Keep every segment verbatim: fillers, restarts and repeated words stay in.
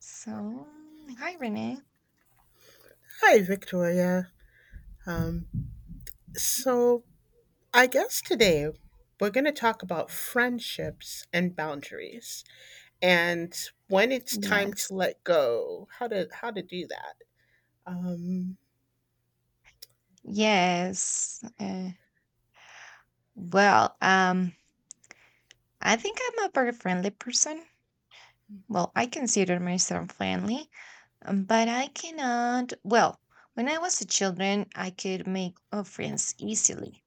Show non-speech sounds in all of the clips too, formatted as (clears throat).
So, hi Renee. Hi, Victoria. Um, so, I guess today we're going to talk about friendships and boundaries, and when it's time Yes. to let go, how to how to do that. Um, Yes. Uh, well, um, I think I'm a very friendly person. Well, I consider myself friendly, um, but I cannot. Well, when I was a children, I could make uh, friends easily.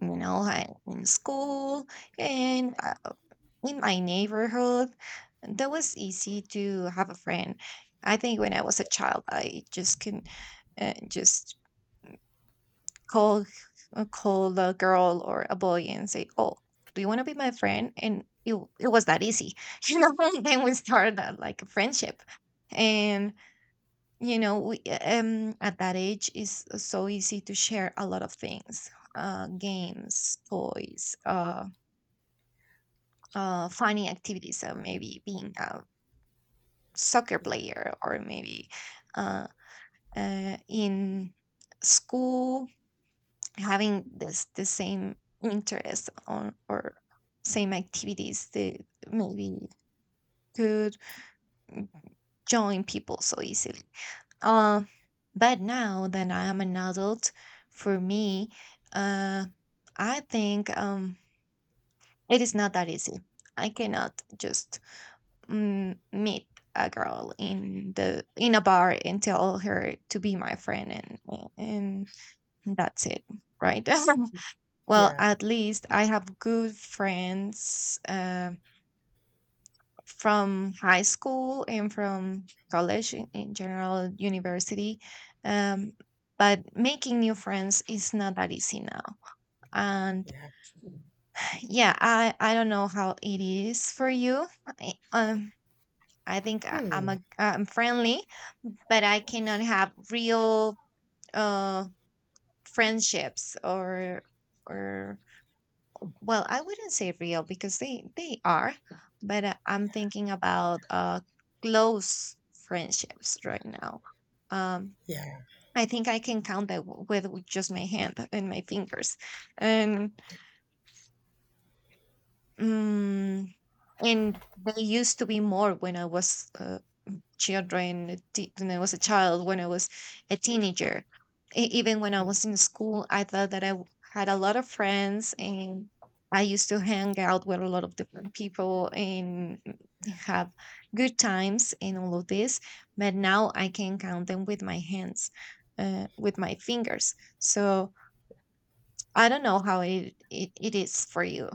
You know, I, in school and uh, in my neighborhood, that was easy to have a friend. I think when I was a child, I just can uh, just call uh, call the girl or a boy and say, "Oh, do you want to be my friend?" And it it was that easy, (laughs) you know. And then we started uh, like a friendship, and you know, we um at that age is so easy to share a lot of things, uh, games, toys, uh, uh, funny activities, uh, maybe being a soccer yeah, player or maybe uh, uh in school having this the same interest on or same activities that maybe could join people so easily. Uh, but now that I am an adult, for me, uh, I think um, it is not that easy. I cannot just mm, meet a girl in the in a bar and tell her to be my friend and and that's it, right? (laughs) Well, yeah, at least I have good friends um, from high school and from college in, in general, university. Um, but making new friends is not that easy now. And yeah. yeah, I, I don't know how it is for you. I, um, I think I, I'm Hmm. a I'm friendly, but I cannot have real uh friendships or or well, I wouldn't say real because they they are, but uh, I'm thinking about uh close friendships right now. Um, Yeah. I think I can count that w- with with just my hand and my fingers, and mm and they used to be more when I was uh, children te- when I was a child, when I was a teenager. E- even when I was Hmm. in school, I thought that I w- had a lot of friends and I used to hang out with a lot of different people and have good times and all of this. But now I can count them with my hands, uh, with my fingers. So I don't know how it, it, it is for you.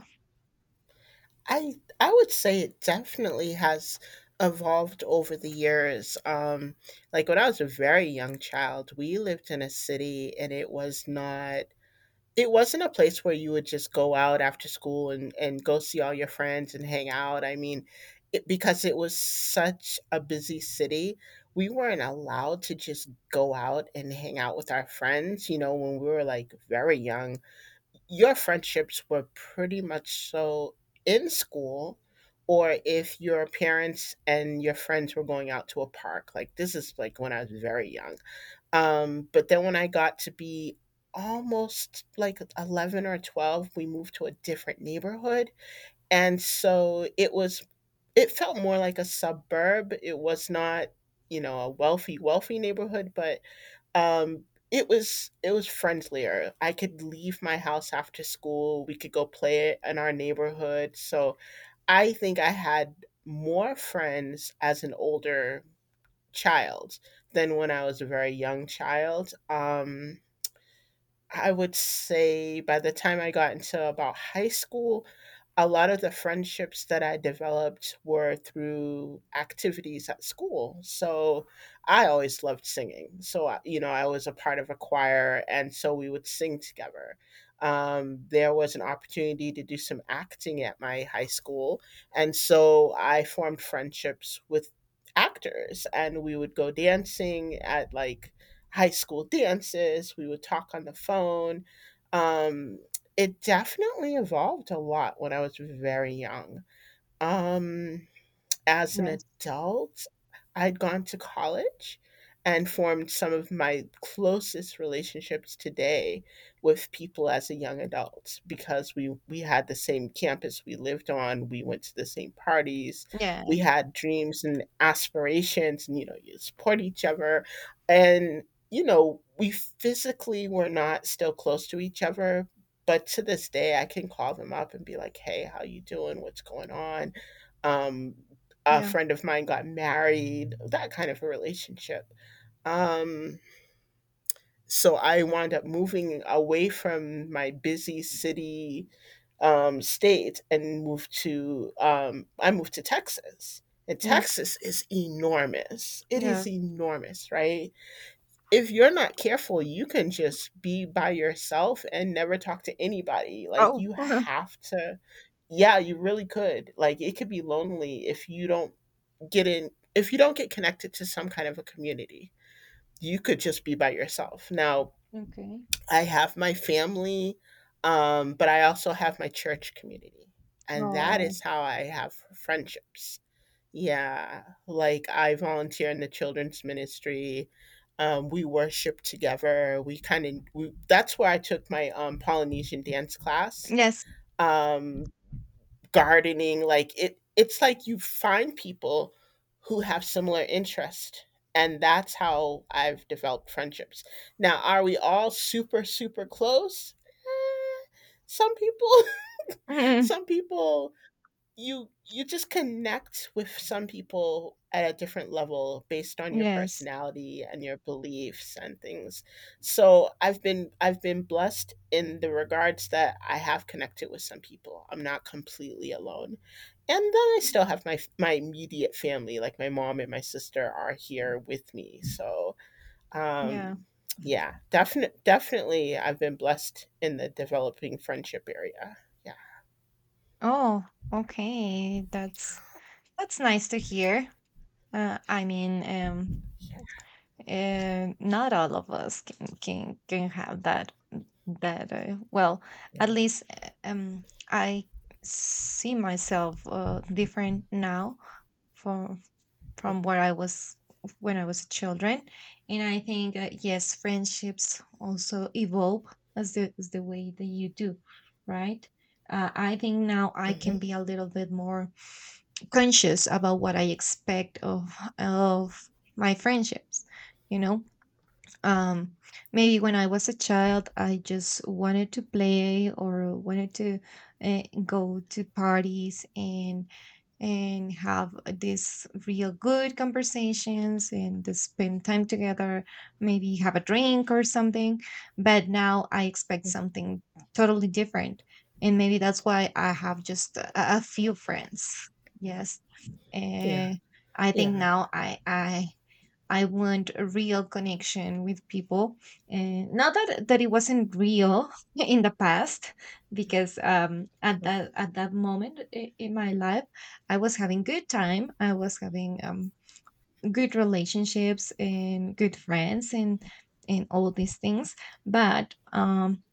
I I would say it definitely has evolved over the years. Um, like when I was a very young child, we lived in a city, and it was not. It wasn't a place where you would just go out after school and and go see all your friends and hang out. I mean, it, because it was such a busy city, we weren't allowed to just go out and hang out with our friends, you know, when we were like very young. Your friendships were pretty much so in school, or if your parents and your friends were going out to a park. Like, this is like when I was very young. Um, but then when I got to be almost like eleven or twelve, we moved to a different neighborhood. And so it was, it felt more like a suburb. It was not, you know, a wealthy, wealthy neighborhood, but um, it was it was friendlier. I could leave my house after school. We could go play it in our neighborhood. So I think I had more friends as an older child than when I was a very young child. Um, I would say by the time I got into about high school, a lot of the friendships that I developed were through activities at school. So I always loved singing. So, I- you know, I was a part of a choir, and so we would sing together. Um, there was an opportunity to do some acting at my high school. And so I formed friendships with actors, and we would go dancing at like high school dances. We would talk on the phone. Um, it definitely evolved a lot when I was very young. Um, as an Yes. adult, I'd gone to college and formed some of my closest relationships today with people as a young adult, because we we had the same campus we lived on, we went to the same parties, Yeah. we had dreams and aspirations, and you know, you support each other. And you know, we physically were not still close to each other, but to this day I can call them up and be like, "Hey, how you doing? What's going on?" Um a Yeah. friend of mine got married, that kind of a relationship. Um, so I wound up moving away from my busy city, um, state, and moved to um, I moved to Texas. And Mm, Texas is enormous. It is yes. enormous, right? If you're not careful, you can just be by yourself and never talk to anybody. Like, Oh. you (laughs) have to, yeah, you really could. Like, it could be lonely if you don't get in if you don't get connected to some kind of a community. You could just be by yourself. Now Okay. I have my family, um, but I also have my church community, and that Oh. is how I have friendships. Yeah, like I volunteer in the children's ministry. Um, we worship together. We kind of we, That's where I took my um, Polynesian dance class, Yes. um, gardening. Like, it it's like you find people who have similar interest, and that's how I've developed friendships. Now, are we all super super close? Eh, some people (laughs) (laughs) some people, you you just connect with some people at a different level based on your Yes. personality and your beliefs and things. So I've been I've been blessed in the regards that I have connected with some people. I'm not completely alone. And then I still have my my immediate family, like my mom and my sister are here with me. So Yeah. um yeah, definitely definitely I've been blessed in the developing friendship area. Yeah. Oh, okay. That's that's nice to hear. Uh, I mean, um, Yeah. (laughs) uh, not all of us can can can have that that uh, well, Yeah. at least uh, um I see myself uh, different now from from where I was when I was a children, and I think uh, yes, friendships also evolve as the as the way that you do, right? Uh, I think now I Mhm. can be a little bit more conscious about what I expect of of my friendships, you know um, maybe when I was a child, I just wanted to play or wanted to uh, go to parties and and have these real good conversations and to spend time together, maybe have a drink or something. But now I expect something totally different, and maybe that's why I have just a, a few friends. Yes, Yeah. and I think Yeah, now I I I want a real connection with people. And not that that it wasn't real (laughs) in the past, because um, at mhm, that at that moment i- in my life, I was having good time. I was having um, good relationships and good friends and and all these things. But um,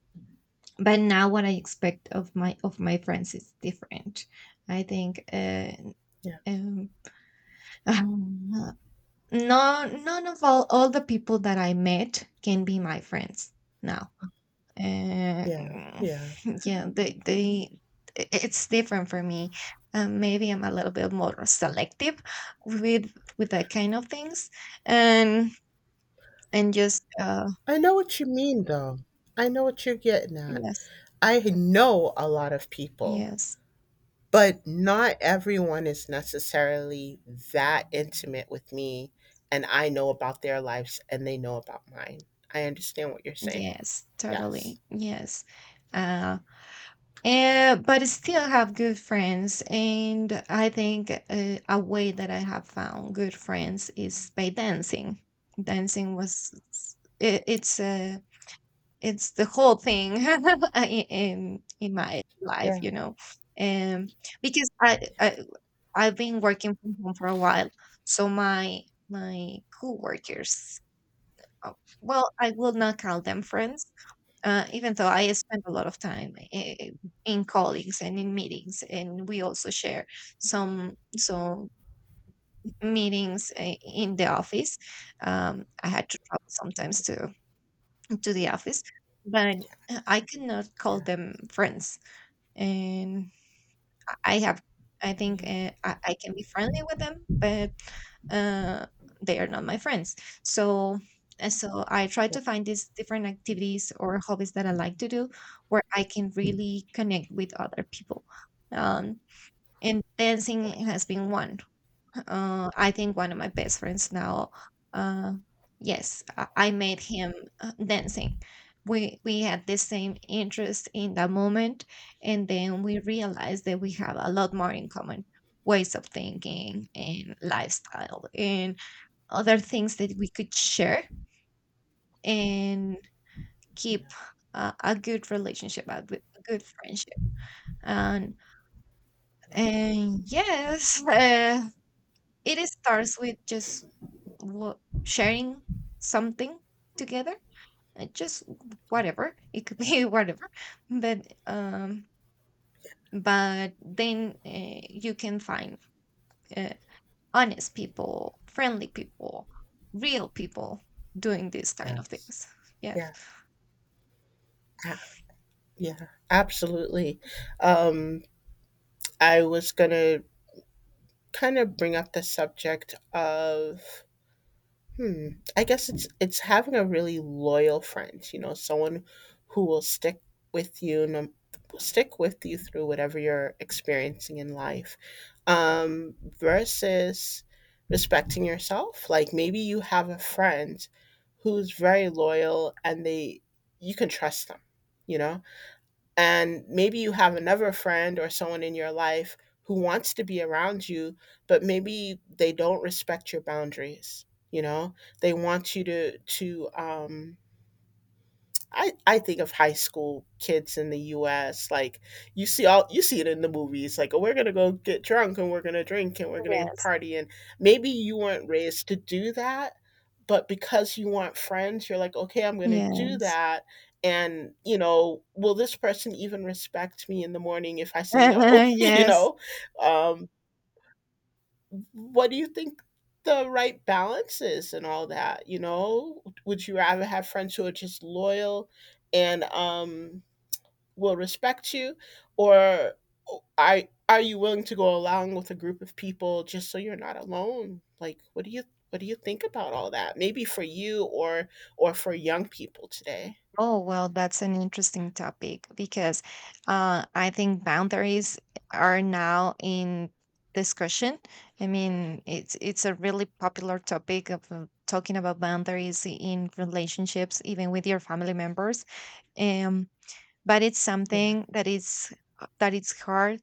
but now what I expect of my of my friends is different. I think. Uh, yeah, um, (laughs) No, none of all all the people that I met can be my friends now. Uh, yeah, (laughs) yeah. yeah, they they i- it's different for me. Um, maybe I'm a little bit more selective with with that kind of things, and and just uh I know what you mean, though. I know what you're getting at. yes, I know a lot of people, yes, but not everyone is necessarily that intimate with me, and I know about their lives and they know about mine. I understand what you're saying. yes, Yes. totally yes. Uh, And but still have good friends. And I think uh, a way that I have found good friends is by dancing. Dancing was s- i- it's uh, it's the whole thing (laughs) i- in in my life, Yeah. you know. Um, because I, I I've been working from home for a while, so my my coworkers, oh, well, I will not call them friends uh, even though I spend a lot of time in, in colleagues and in meetings, and we also share some some meetings uh, in the office. Um, I had to travel sometimes Mhm. to to the office, but I cannot call Yeah. them friends. And I have I think, Yeah. eh, I I can be friendly with them, but, uh, they are not my friends. So and so I try Yeah. to find these different activities or hobbies that I like to do where I can really connect with other people. Um, and dancing has been one. Uh, I think one of my best friends now. Uh, yes, I, I met him uh, dancing. We we had the same interest in that moment, and then we realized that we have a lot more in common ways of thinking and lifestyle and other things that we could share and keep Yeah. uh, a good relationship, a good, a good friendship. And Yeah. and yes, (laughs) uh, it starts with just lo- sharing something together, uh, just Yeah. whatever. It could Yeah. be (laughs) whatever, but um, but then uh, you can find uh, honest people, friendly people, real people doing these kind of Yes. things. Yes. Yeah. a- Yeah. Absolutely. Um, I was gonna kind of bring up the subject of hmm I guess it's it's having a really loyal friend. You know, someone who will stick with you, no, stick with you through whatever you're experiencing in life, um versus respecting yourself. Like, maybe you have a friend who's very loyal and they, you can trust them, you know. And maybe you have another friend or someone in your life who wants to be around you, but maybe they don't respect your boundaries. You know, they want you to to um, I I think of high school kids in the U S. Like, you see all you see it in the movies. Like, oh, we're gonna go get drunk and we're gonna drink and we're gonna Yes. party, and maybe you weren't raised to do that, but because you want friends, you're like, okay, I'm gonna do Yes. that. And you know, will this person even respect me in the morning if I say no? (laughs) (laughs) you Yes. know, um, what do you think the right balance is, and all that? You know, would you rather have friends who are just loyal and um will respect you, or are are you willing to go along with a group of people just so you're not alone? Like what do you what do you think about all that, maybe for you, or or for young people today? Oh, well, that's an interesting topic because uh, I think boundaries are now in discussion. I mean, it's it's a really popular topic of uh, talking about boundaries in relationships, even with your family members. Um, but it's something that is that it's hard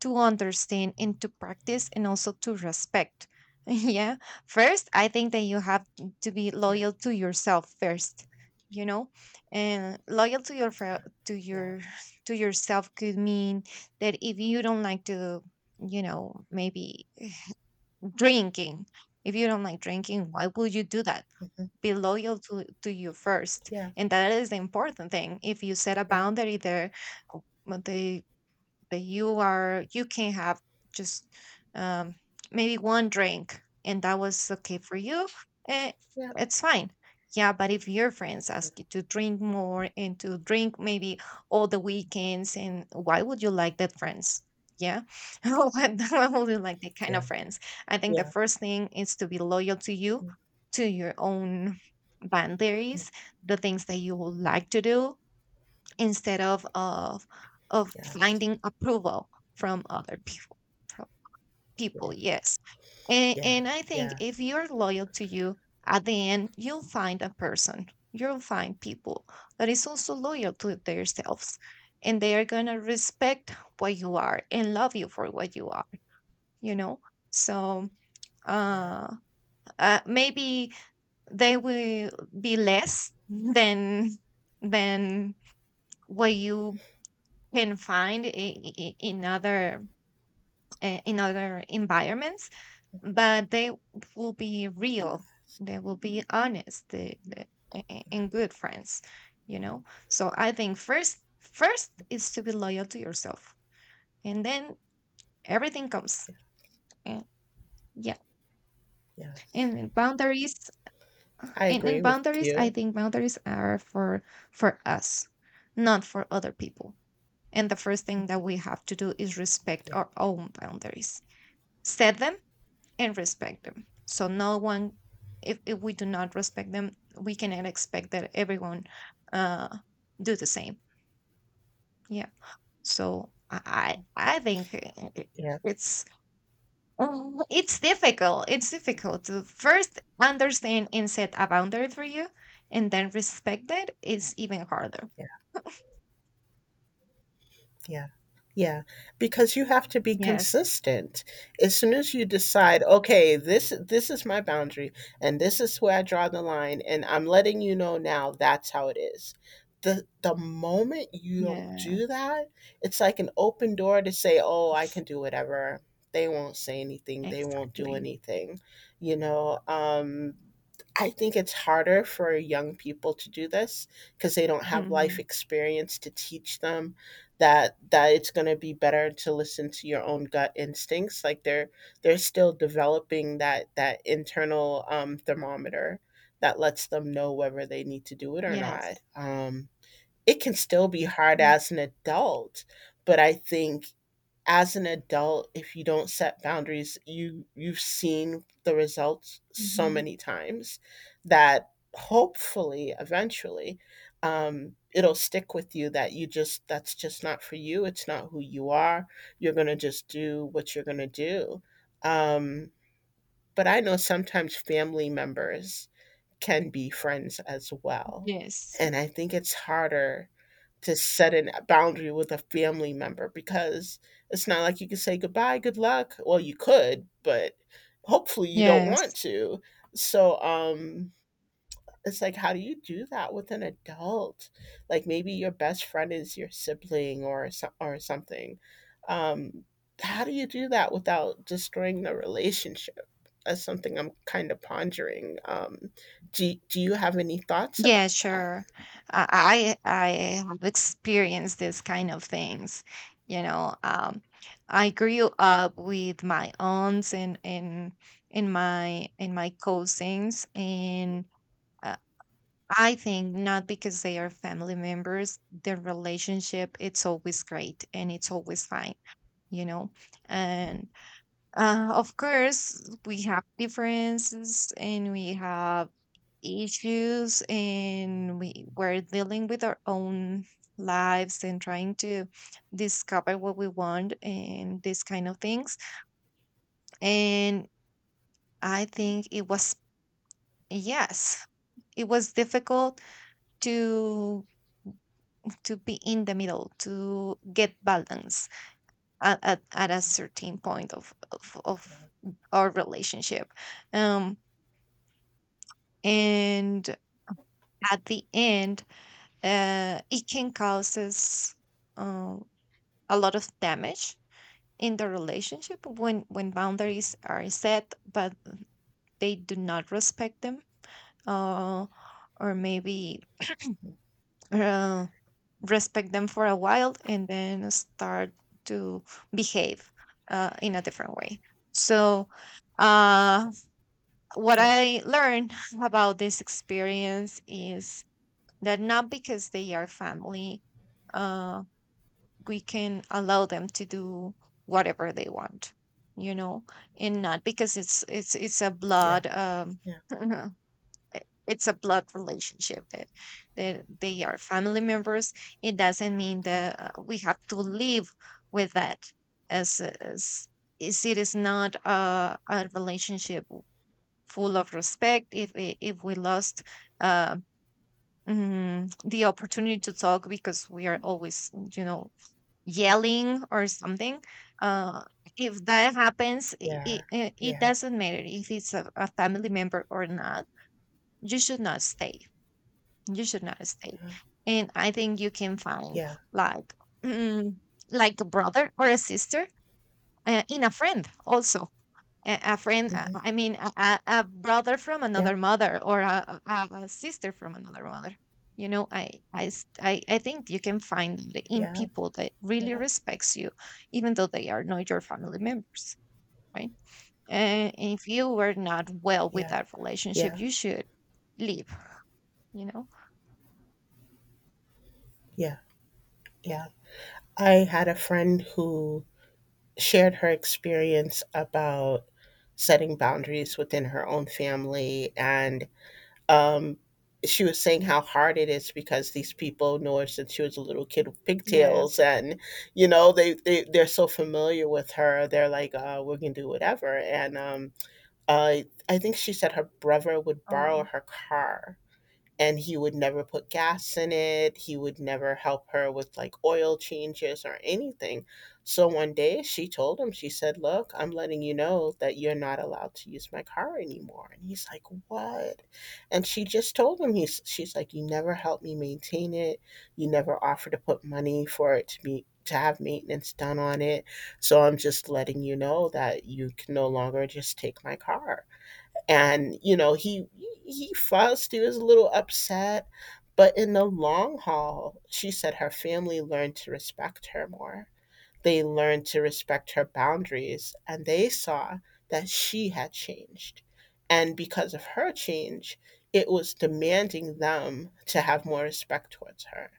to understand and to practice and also to respect. (laughs) Yeah. First, I think that you have to be loyal to yourself first, you know? And loyal to your fel- to your to yourself could mean that if you don't like to, you know, maybe drinking, if you don't like drinking, why would you do that? Be loyal to, to you first. Yeah, yeah, And that is the important thing. If you set a yeah, yeah, boundary there, o- the but you are you can have just um, maybe one drink and that was okay for you eh, yeah, it's fine. Yeah, but if your friends yeah, ask you to drink more and to drink maybe all the weekends, and why would you like that friends? Yeah. (laughs) why why would you like that kind yeah, yeah, of friends? I think the yeah, first thing is to be loyal to you, yeah, to your own mm, boundaries, the things that you would like to do instead of of of yes, finding approval from other people, from people. yeah, Yes, and, yeah, and I think yeah, if you're loyal to you, at the end you'll find a person, you'll find people that is also loyal to themselves, and they are going to respect what you are and love you for what you are, you know. So yeah, uh, uh maybe they will be less than than what you can find i- i- in other uh, in other environments, but they will be real, they will be honest. The the a- a- and good friends, you know. So I think first first is to be loyal to yourself, and then everything comes, yeah, and yeah, yes. and then boundaries. I and, agree and with boundaries, I you. think boundaries are for for us, not for other people, and the first thing that we have to do is respect Yeah, our own boundaries, set them and respect them. So no one, if, if we do not respect them, we cannot expect that everyone uh, do the same. Yeah. So I I I think it- yeah, it's um, it's difficult. It's difficult to first understand and set a boundary for you, and then respect that is even harder. yeah, yeah. Yeah, because you have to be Yes. consistent. As soon as you decide, okay, this this is my boundary, and this is where I draw the line, and I'm letting you know now that's how it is. The the moment you don't Yes. do that, it's like an open door to say, "Oh, I can do whatever." They won't say anything. They won't do Exactly. anything. You know, um I think it's harder for young people to do this because they don't have life Mhm. experience to teach them that that it's going to be better to listen to your own gut instincts. Like, they're they're still developing that that internal um, thermometer that lets them know whether they need to do it or not. Yes. Um, it can still be hard as an adult, but I think as an adult, if you don't set boundaries, you you've seen the results so Mhm. many times that hopefully eventually, um, it'll stick with you that you just, that's just not for you. It's not who you are. You're going to just do what you're going to do. um, but I know sometimes family members can be friends as well, Yes. and I think it's harder to set a boundary with a family member because it's not like you can say goodbye, good luck. Well, you could, but hopefully you don't want Yes. to. So, um, it's like, how do you do that with an adult? Like, maybe your best friend is your sibling, or so- or something. Um, how do you do that without destroying the relationship? That's something I'm kind of pondering. Um, do Do you have any thoughts Yeah, about that? sure. I I I have experienced this kind of things. You know, um, I grew up with my aunts and and in my in my cousins, and uh, I think not because they are family members, their relationship it's always great and it's always fine. You know, and uh, of course we have differences and we have issues and we we're dealing with our own lives and trying to discover what we want and these kind of things and I think it was yes, it was difficult to to be in the middle to get balance at, at, at a certain point of of, Yeah, of our relationship. Um and At the end uh it can cause us uh, a lot of damage in the relationship when when boundaries are set but they do not respect them, uh, or maybe yeah, uh, respect them for a while and then start to behave uh, in a different way. So uh, what yeah, I learned (laughs) about this experience is that not because they are family, uh, we can allow them to do whatever they want, you know and not because it's it's it's a yeah. blood um Yeah. (laughs) it- it's a blood relationship, that that they are family members, it doesn't mean that uh, we have to live with that. As as is it is not a, a relationship full of respect if i- if we lost uh, mm, the opportunity to talk because we are always, you know yelling or something. uh if that happens, it, Yeah, it, it yeah, doesn't matter if it's a, a family member or not. You should not stay. You should not stay. And I think you can find yeah, like mm, like a brother or a sister, uh, in a friend also. A, a friend, uh, mhm, I mean a, a a brother from yeah, another mother or a, a, a sister from another mother. You know I, I s- i I think you can find it in yeah, people that really yeah, respects you, even though they are not your family members, right? And if you were not well with yeah, that relationship, yeah, you should leave, you know? yeah, yeah. I had a friend who shared her experience about setting boundaries within her own family, and um, she was saying how hard it is because these people know her since she was a little kid with pigtails, Yes. and you know, they they they're so familiar with her. They're like, uh, "We to do whatever," and um, uh, I think she said her brother would borrow Oh, her car, and he would never put gas in it. He would never help her with like oil changes or anything. So one day she told him, she said, "Look, I'm letting you know that you're not allowed to use my car anymore." And he's like, "What?" And she just told him, he's, she's like, "You never helped me maintain it. You never offered to put money for it to be. To have maintenance done on it. So I'm just letting you know that you can no longer just take my car." And you know, he he fussed, he was a little upset, but in the long haul she said her family learned to respect her more. They learned to respect her boundaries, and they saw that she had changed, and because of her change, it was demanding them to have more respect towards her.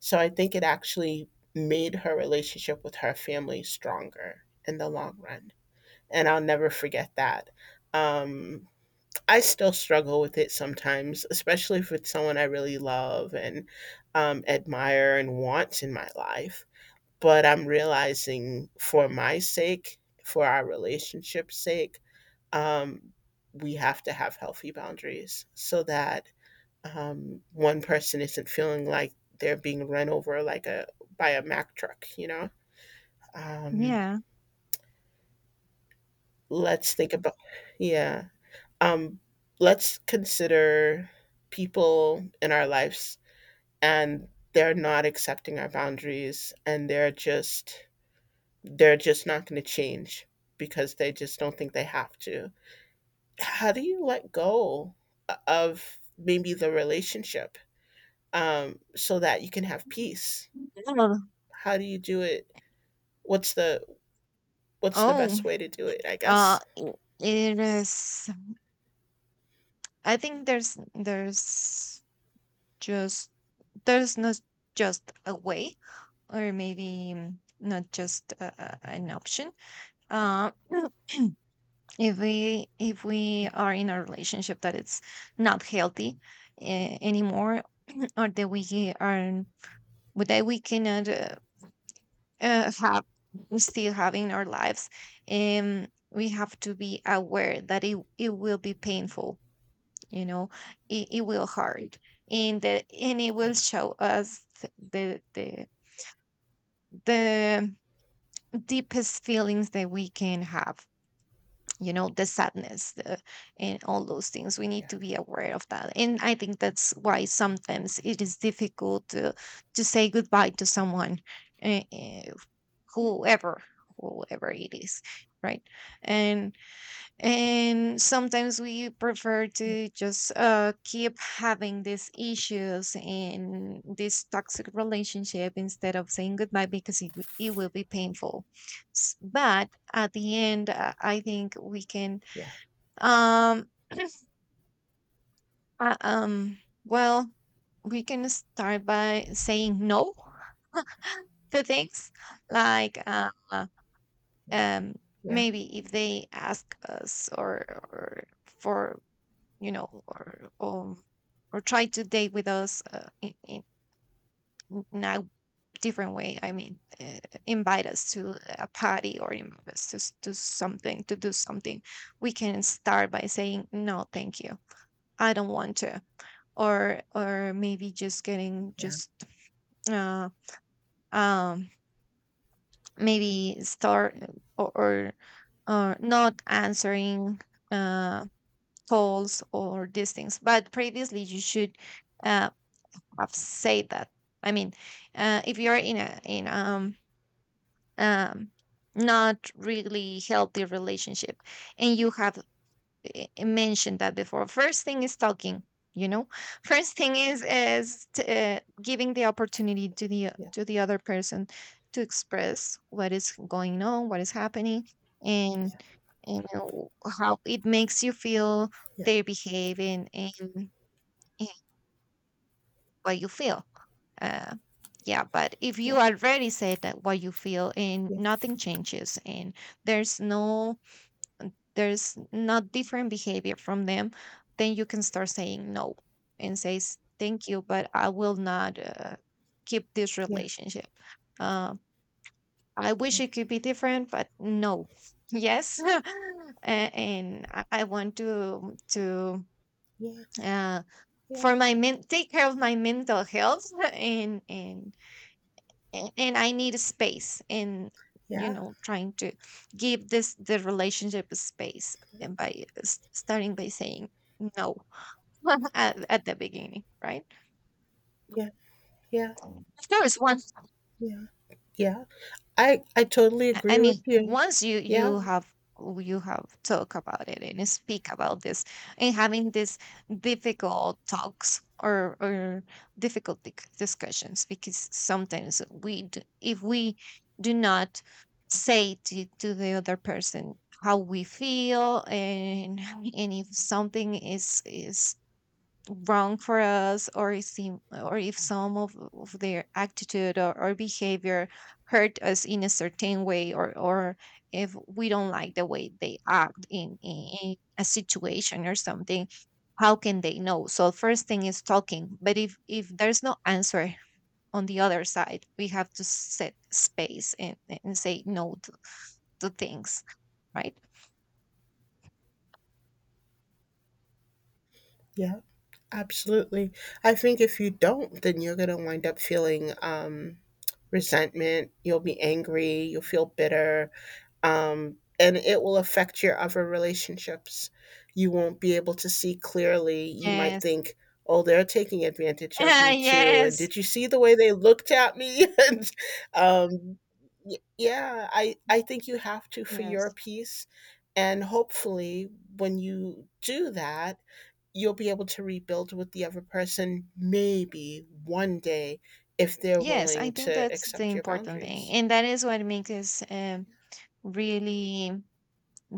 So I think it actually made her relationship with her family stronger in the long run, and I'll never forget that. um I still struggle with it sometimes, especially if it's someone I really love and um, admire and want in my life. But I'm realizing, for my sake, for our relationship's sake, um, we have to have healthy boundaries so that um, one person isn't feeling like they're being run over like a by a Mack truck, you know? Um, yeah. let's think about, yeah. Um, let's consider people in our lives, and they're not accepting our boundaries and they're just they're just not going to change because they just don't think they have to. How do you let go of maybe the relationship, um, so that you can have peace? Oh. How do you do it? What's the, what's the oh. best way to do it? I uh guess. i- it is, I think there's there's just, there's not just a way, or maybe mm, not just uh, uh, an option. uh, (clears throat) if we if we are in a relationship that it's not healthy uh, anymore, (clears throat) or that we are, but that we cannot uh, uh, have, still having our lives, um we have to be aware that it, it will be painful, you know. It, it will hurt, and that and it will Yeah. show us the the the deepest feelings that we can have, you know, the sadness, the, and all those things. We Yeah. need to be aware of that, and I think that's why sometimes it is difficult to to say goodbye to someone, uh, uh, whoever, whoever it is, right? and and sometimes we prefer to just uh, keep having these issues in this toxic relationship instead of saying goodbye because it, wi- it will be painful. S- But at the end, uh, I think we can, Yeah. um, uh, um, well, we can start by saying no to things, like uh, Yeah. um, Yeah. maybe if they ask us, or, or for, you know, or or, or try to date with us uh, in, in in a different way. I mean, uh, invite us to a party or invite us to s- to something, to do something. We can start by saying no, thank you, I don't want to, or or maybe just getting Yeah. just uh, um maybe start, or or, or not answering uh calls or these things. But previously you should uh, have said that. I mean, uh, if you're in a in um um not really healthy relationship, and you have eh, eh, mentioned that before. First thing is talking. You know, (laughs) first thing is is t- uh, giving the opportunity to the Yeah. to the other person to express what is going on, what is happening, and and how it makes you feel, Yeah. their behaving, and what you feel. Uh, yeah, but if you Yeah. already said that, what you feel and Yeah. nothing changes, and there's no there's not different behavior from them, then you can start saying no and says thank you, but I will not, uh, keep this Yeah. relationship. Uh, I Yeah. wish it could be different, but no. (laughs) Yes. (laughs) A- and I I want to to Yeah, uh, yeah, for my men- take care of my mental health (laughs) and and a- and I need a space, and you yeah, know, trying to give this, the relationship, a space, and by s- starting by saying no. (laughs) at, at the beginning, right? yeah, yeah, Of course, once, yeah, yeah. I I totally I I agree with mean, you. once you Yeah, you have, oh, you have talk about it and speak about this, and having these difficult talks, or or difficult dic- discussions. Because sometimes we d- if we do not say to, to the other person how we feel, and (laughs) and if something is is wrong for us, or if seem, or if some of, of their attitude, or, or behavior hurt us in a certain way, or or if we don't like the way they act in, in, in a situation or something, how can they know? So first thing is talking, but if if there's no answer on the other side, we have to set space, and, and say no to, to things, right? yeah, absolutely. I think if you don't, then you're gonna wind up feeling um, resentment. You'll be angry. You'll feel bitter. Um, and it will affect your other relationships. You won't be able to see clearly. You might Yes. think, "Oh, they're taking advantage of me too. And (laughs) Yes. did you see the way they looked at me?" (laughs) and um, y- yeah, I I think you have to, for your Yes. peace. And hopefully, when you do that, you'll be able to rebuild with the other person. Maybe one day, if they're Yes, I willing think to that's the accept your important thing. boundaries. And that is what makes us, um, really,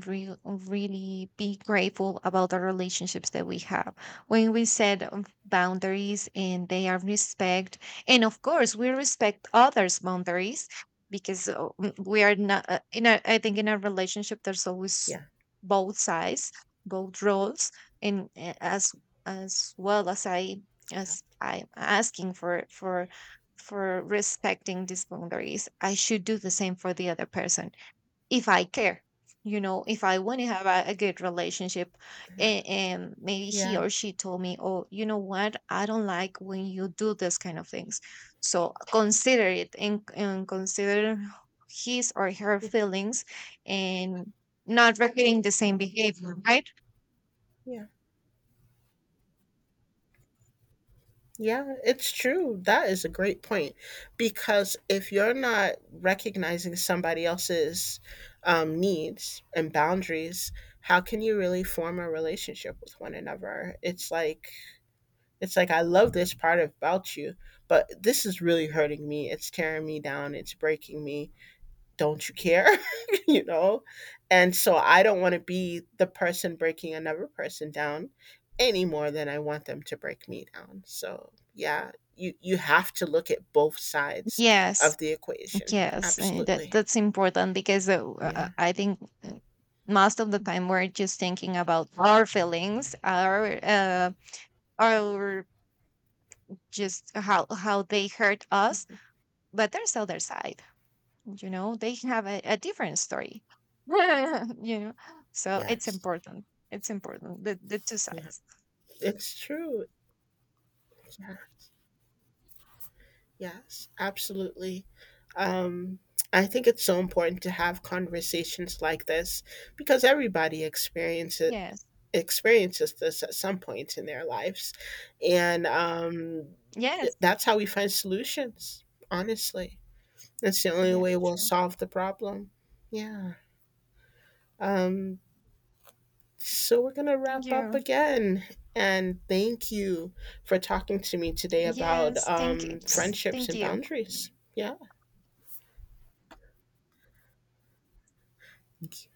real really be grateful about the relationships that we have. When we set, um, boundaries and they are respect, and of course we respect others boundaries. Because uh, m- we are not, uh, in a, I think in a relationship there's always Yeah, both sides, both roles. And uh, as as well as I, as I'm asking for, for for respecting these boundaries, I should do the same for the other person, if I care. You know, if I want to have a, a good relationship, and, and maybe he yeah, or she told me, "Oh, you know what? I don't like when you do this kind of things." So consider it, and, and consider his or her feelings, and not repeating the same behavior, right? yeah. Yeah, it's true. That is a great point, because if you're not recognizing somebody else's um, needs and boundaries, how can you really form a relationship with one another? It's like it's like I love this part about you, but this is really hurting me. It's tearing me down. It's breaking me, don't you care? (laughs) you know? And so I don't want to be the person breaking another person down any more than I want them to break me down. So, yeah, you you have to look at both sides of Yes, the equation. yes, uh, that Absolutely. that's important because uh, uh, Yeah. I think uh, most of the time we're just thinking about our feelings, our uh, our just how how they hurt us. But there's other side, you know, they have a, a different story. (laughs) You know, so it's Yes. important, it's important, the, the two Yeah. sides. It's true. Yeah. Yes, absolutely. Um, I think it's so important to have conversations like this because everybody experience it, Yes. experiences this at some point in their lives. And um, Yes. it- that's how we find solutions, honestly. That's the only Yeah, way we'll sure. solve the problem. Yeah. Um, so we're going to Thank wrap up you. again. And thank you for talking to me today about Yes, thank you. um, friendships Thank and you. boundaries. Yeah. Thank